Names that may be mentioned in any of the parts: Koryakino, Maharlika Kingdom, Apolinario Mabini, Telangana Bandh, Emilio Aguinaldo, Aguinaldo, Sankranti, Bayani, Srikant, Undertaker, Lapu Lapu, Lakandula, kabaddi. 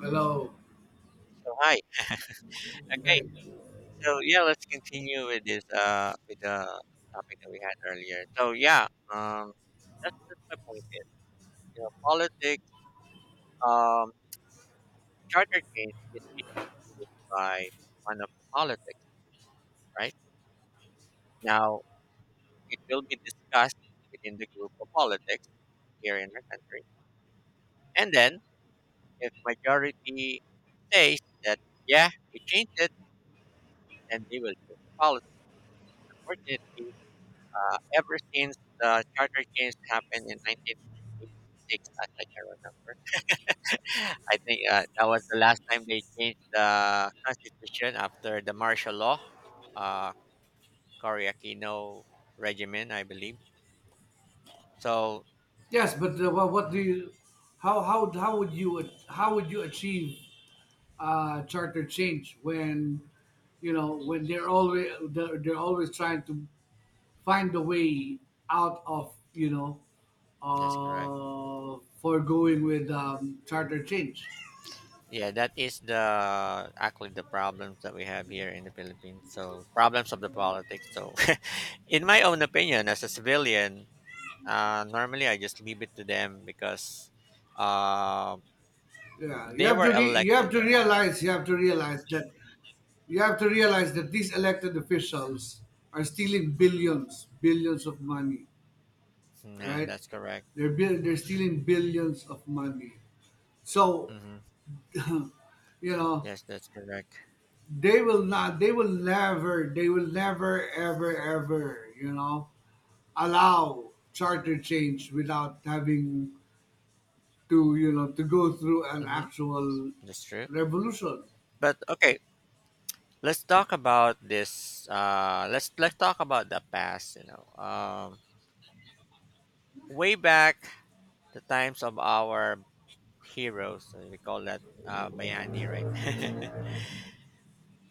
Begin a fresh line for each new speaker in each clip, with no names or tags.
Hello.
So hi. Okay.
Great.
So yeah, let's continue with this with the topic that we had earlier. So yeah, um that's my point is politics, um charter change is being used by one of the politics, right? Now it will be discussed within the group of politics here in our country. And then if majority says that yeah, we change it, then they will change the policy. Unfortunately, ever since the charter change happened in 1986, as I can remember. I think that was the last time they changed the constitution after the martial law, uh, Koryakino regime, I believe. So.
Yes, but what do
Mhm,
you? How would how would you achieve charter change when you know when they're always trying to find a way out of
that's correct.
for going with charter change.
Yeah, that is the actually the problems that we have here in the Philippines. So problems of the politics. So, in my own opinion, as a civilian, normally I just leave it to them because um
Yeah, you
they
have
were
to you
elected.
have to
Yeah.
realize you have to realize that you have to realize that these elected officials are stealing billions of money,
Yeah,
right?
that's correct.
They're bill they're stealing billions of money. So,
Hmm.
you know,
Yes, that's correct.
they will not, they will never, ever, ever, you know, allow charter change without having to, you know, to go through an
Hmm.
actual
That's true.
revolution.
But okay, let's talk about this. Let's talk about the past. Way back, the times of our heroes. And we call that Bayani, right?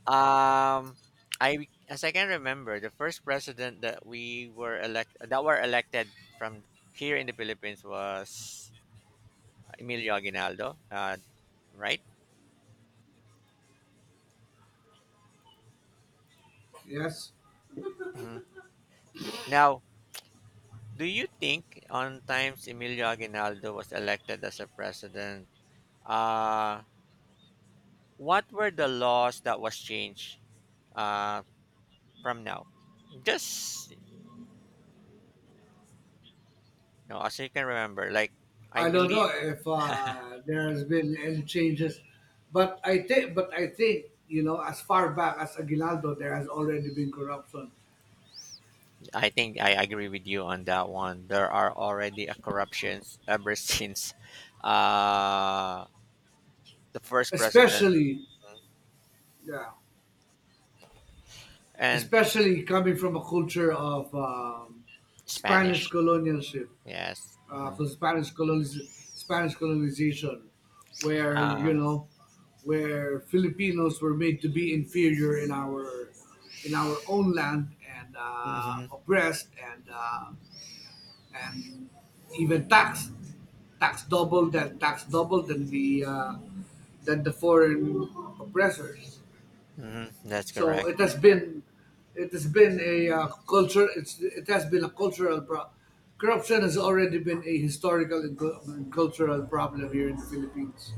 um, I as I can remember, the first president that we were elect that were elected from here in the Philippines was Emilio Aguinaldo. Right?
Yes,
Mhm. Now, do you think on times Emilio Aguinaldo was elected as a president, uh, what were the laws that was changed, uh, from now? Just as you can remember, like, I
I don't
believe,
know if there has been any changes, but I think, you know, as far back as Aguinaldo, there has already been corruption,
I think I agree with you on that one. There are already a corruptions ever since uh, the first president,
especially, yeah,
and
especially coming from a culture of spanish
Spanish.
colonialship,
Yes. Hmm.
'cause spanish colonization, where you
Uh,
know where filipinos were made to be inferior in our own land and
hmm
oppressed and even taxed taxed double than the foreign oppressors
That's
So
correct.
it has been a culture. It's it has been a cultural problem. Corruption has already been a historical and cul- and cultural problem here in the Philippines.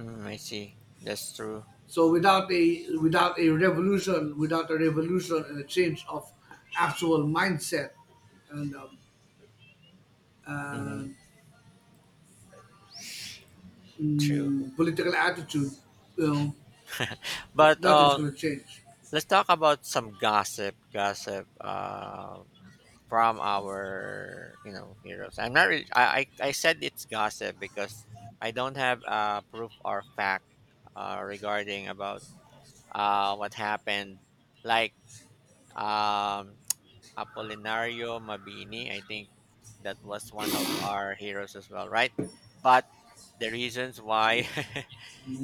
Mm, I see. That's true.
So without a without a revolution, without a revolution and a change of actual mindset and uh,
Mhm, true.
mm, political attitude, you know,
But
nothing's going to change.
let's talk about some gossip, from our heroes. I'm not really. I said it's gossip because I don't have proof or fact, regarding about what happened. Like, um, Apolinario Mabini, I think that was one of our heroes as well, right? But the reasons why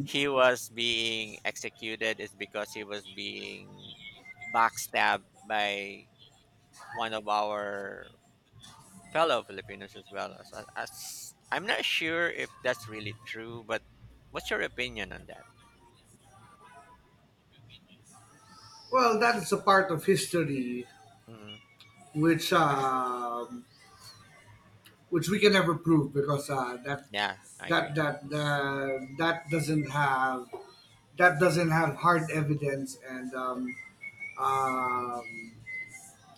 he was being executed is because he was being backstabbed by one of our fellow Filipinos as well. As I'm not sure if that's really true, but what's your opinion on that?
Well, that is a part of history
Mm,
which um which we can never prove because that
yeah, I
that
agree.
that that doesn't have hard evidence and um,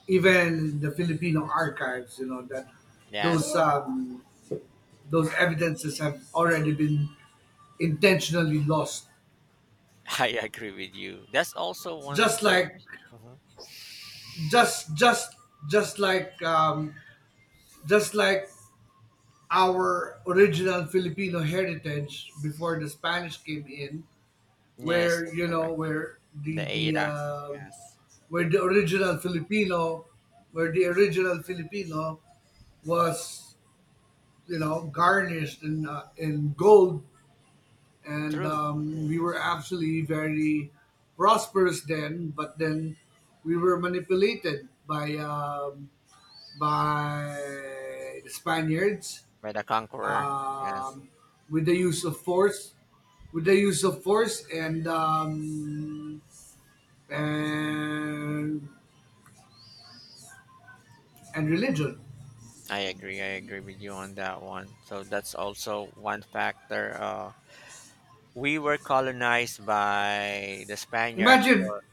even the Filipino archives, you know, that those
Yes,
um, those evidences have already been intentionally lost.
I agree with you. That's also one of
Just
the.
like
Mhm.
just just just like um, just like our original Filipino heritage before the Spanish came in,
Yes,
where
that's
you know
correct.
where
The
the
Ada. Yes,
where the original Filipino where the original Filipino was, you know, garnished in gold, and
true. True.
we were absolutely very prosperous then, but then we were manipulated by the Spaniards,
By the conqueror. Yes.
um, with the use of force, with the use of force and and religion.
I agree. I agree with you on that one. So that's also one factor. We were colonized by the Spaniard
Imagine,
for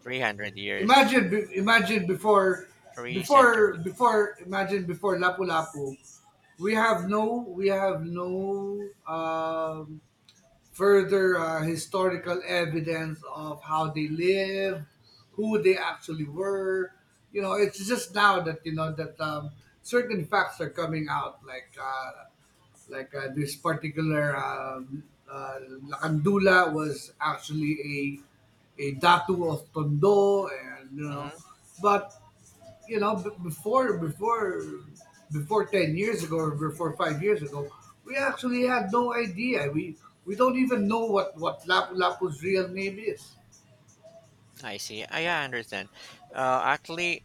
300 years,
imagine
three centuries.
imagine before Lapu Lapu, we have we have no further historical evidence of how they lived, who they actually were. You know, it's just now that you know that certain facts are coming out, like this particular uh, Lakandula was actually a datu of Tondo, and you know,
Hmm.
but you know, before 10 years ago or before 5 years ago, we actually had no idea. We don't even know what Lapu Lapu's real name is.
I see. I understand. Actually,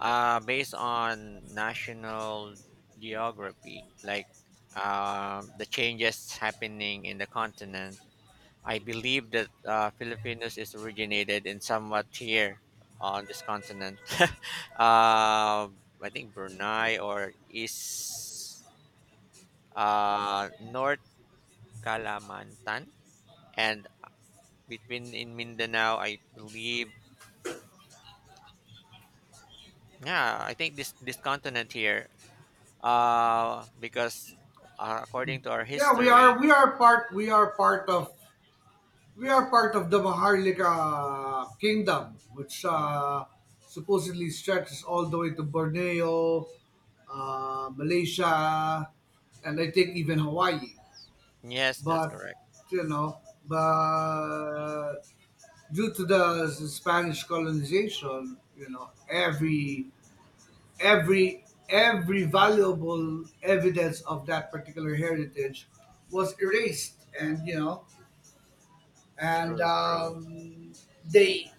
based on national geography, like, the changes happening in the continent, I believe that Filipinos is originated in somewhat here on this continent. I think Brunei or East, North Kalimantan, and between in Mindanao. I believe. Yeah. I think this continent here, because, according to our
Yeah,
history,
we are part of we are part of the Maharlika Kingdom, which
mm,
supposedly stretches all the way to Borneo, Malaysia, and I think even Hawaii.
yes, that's
But
correct.
you know, but due to the Spanish colonization, you know, every valuable evidence of that particular heritage was erased, and you know, and
True, true.
they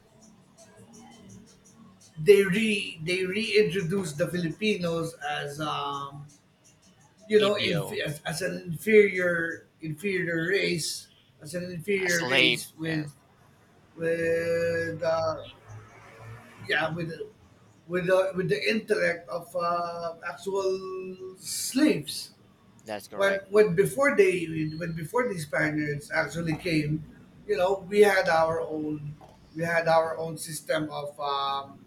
they reintroduced the Filipinos as you know,
Idio,
as an inferior race, as an
a
inferior
slave.
race with
Yes,
with uh, yeah with with the intellect of actual slaves,
that's correct.
when before they when before the Spaniards actually came, you know we had our own, we had our own system um,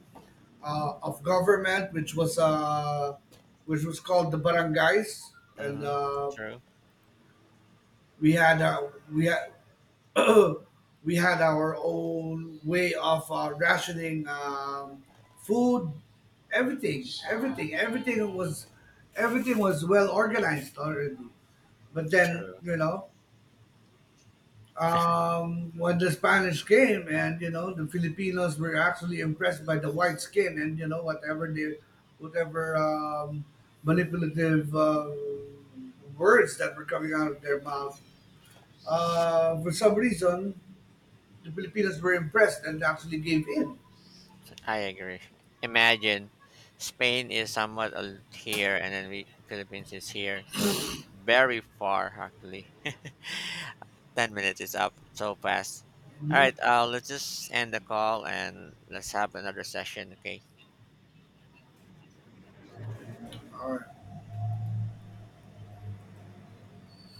uh, of government, which was called the barangays, and
Mm-hmm. True.
we had we had our own way of rationing food, everything, everything, everything was everything was well organized already. But then
True.
you know, when the Spanish came, and you know the Filipinos were actually impressed by the white skin, and you know whatever manipulative words that were coming out of their mouth. For some reason, the Filipinos were impressed and actually gave in.
I agree. Imagine Spain is somewhat here, and then we Philippines is here, so it's very far actually. 10 minutes is up so fast. All
Mhm.
right, let's just end the call and let's have another session. Okay.
All right.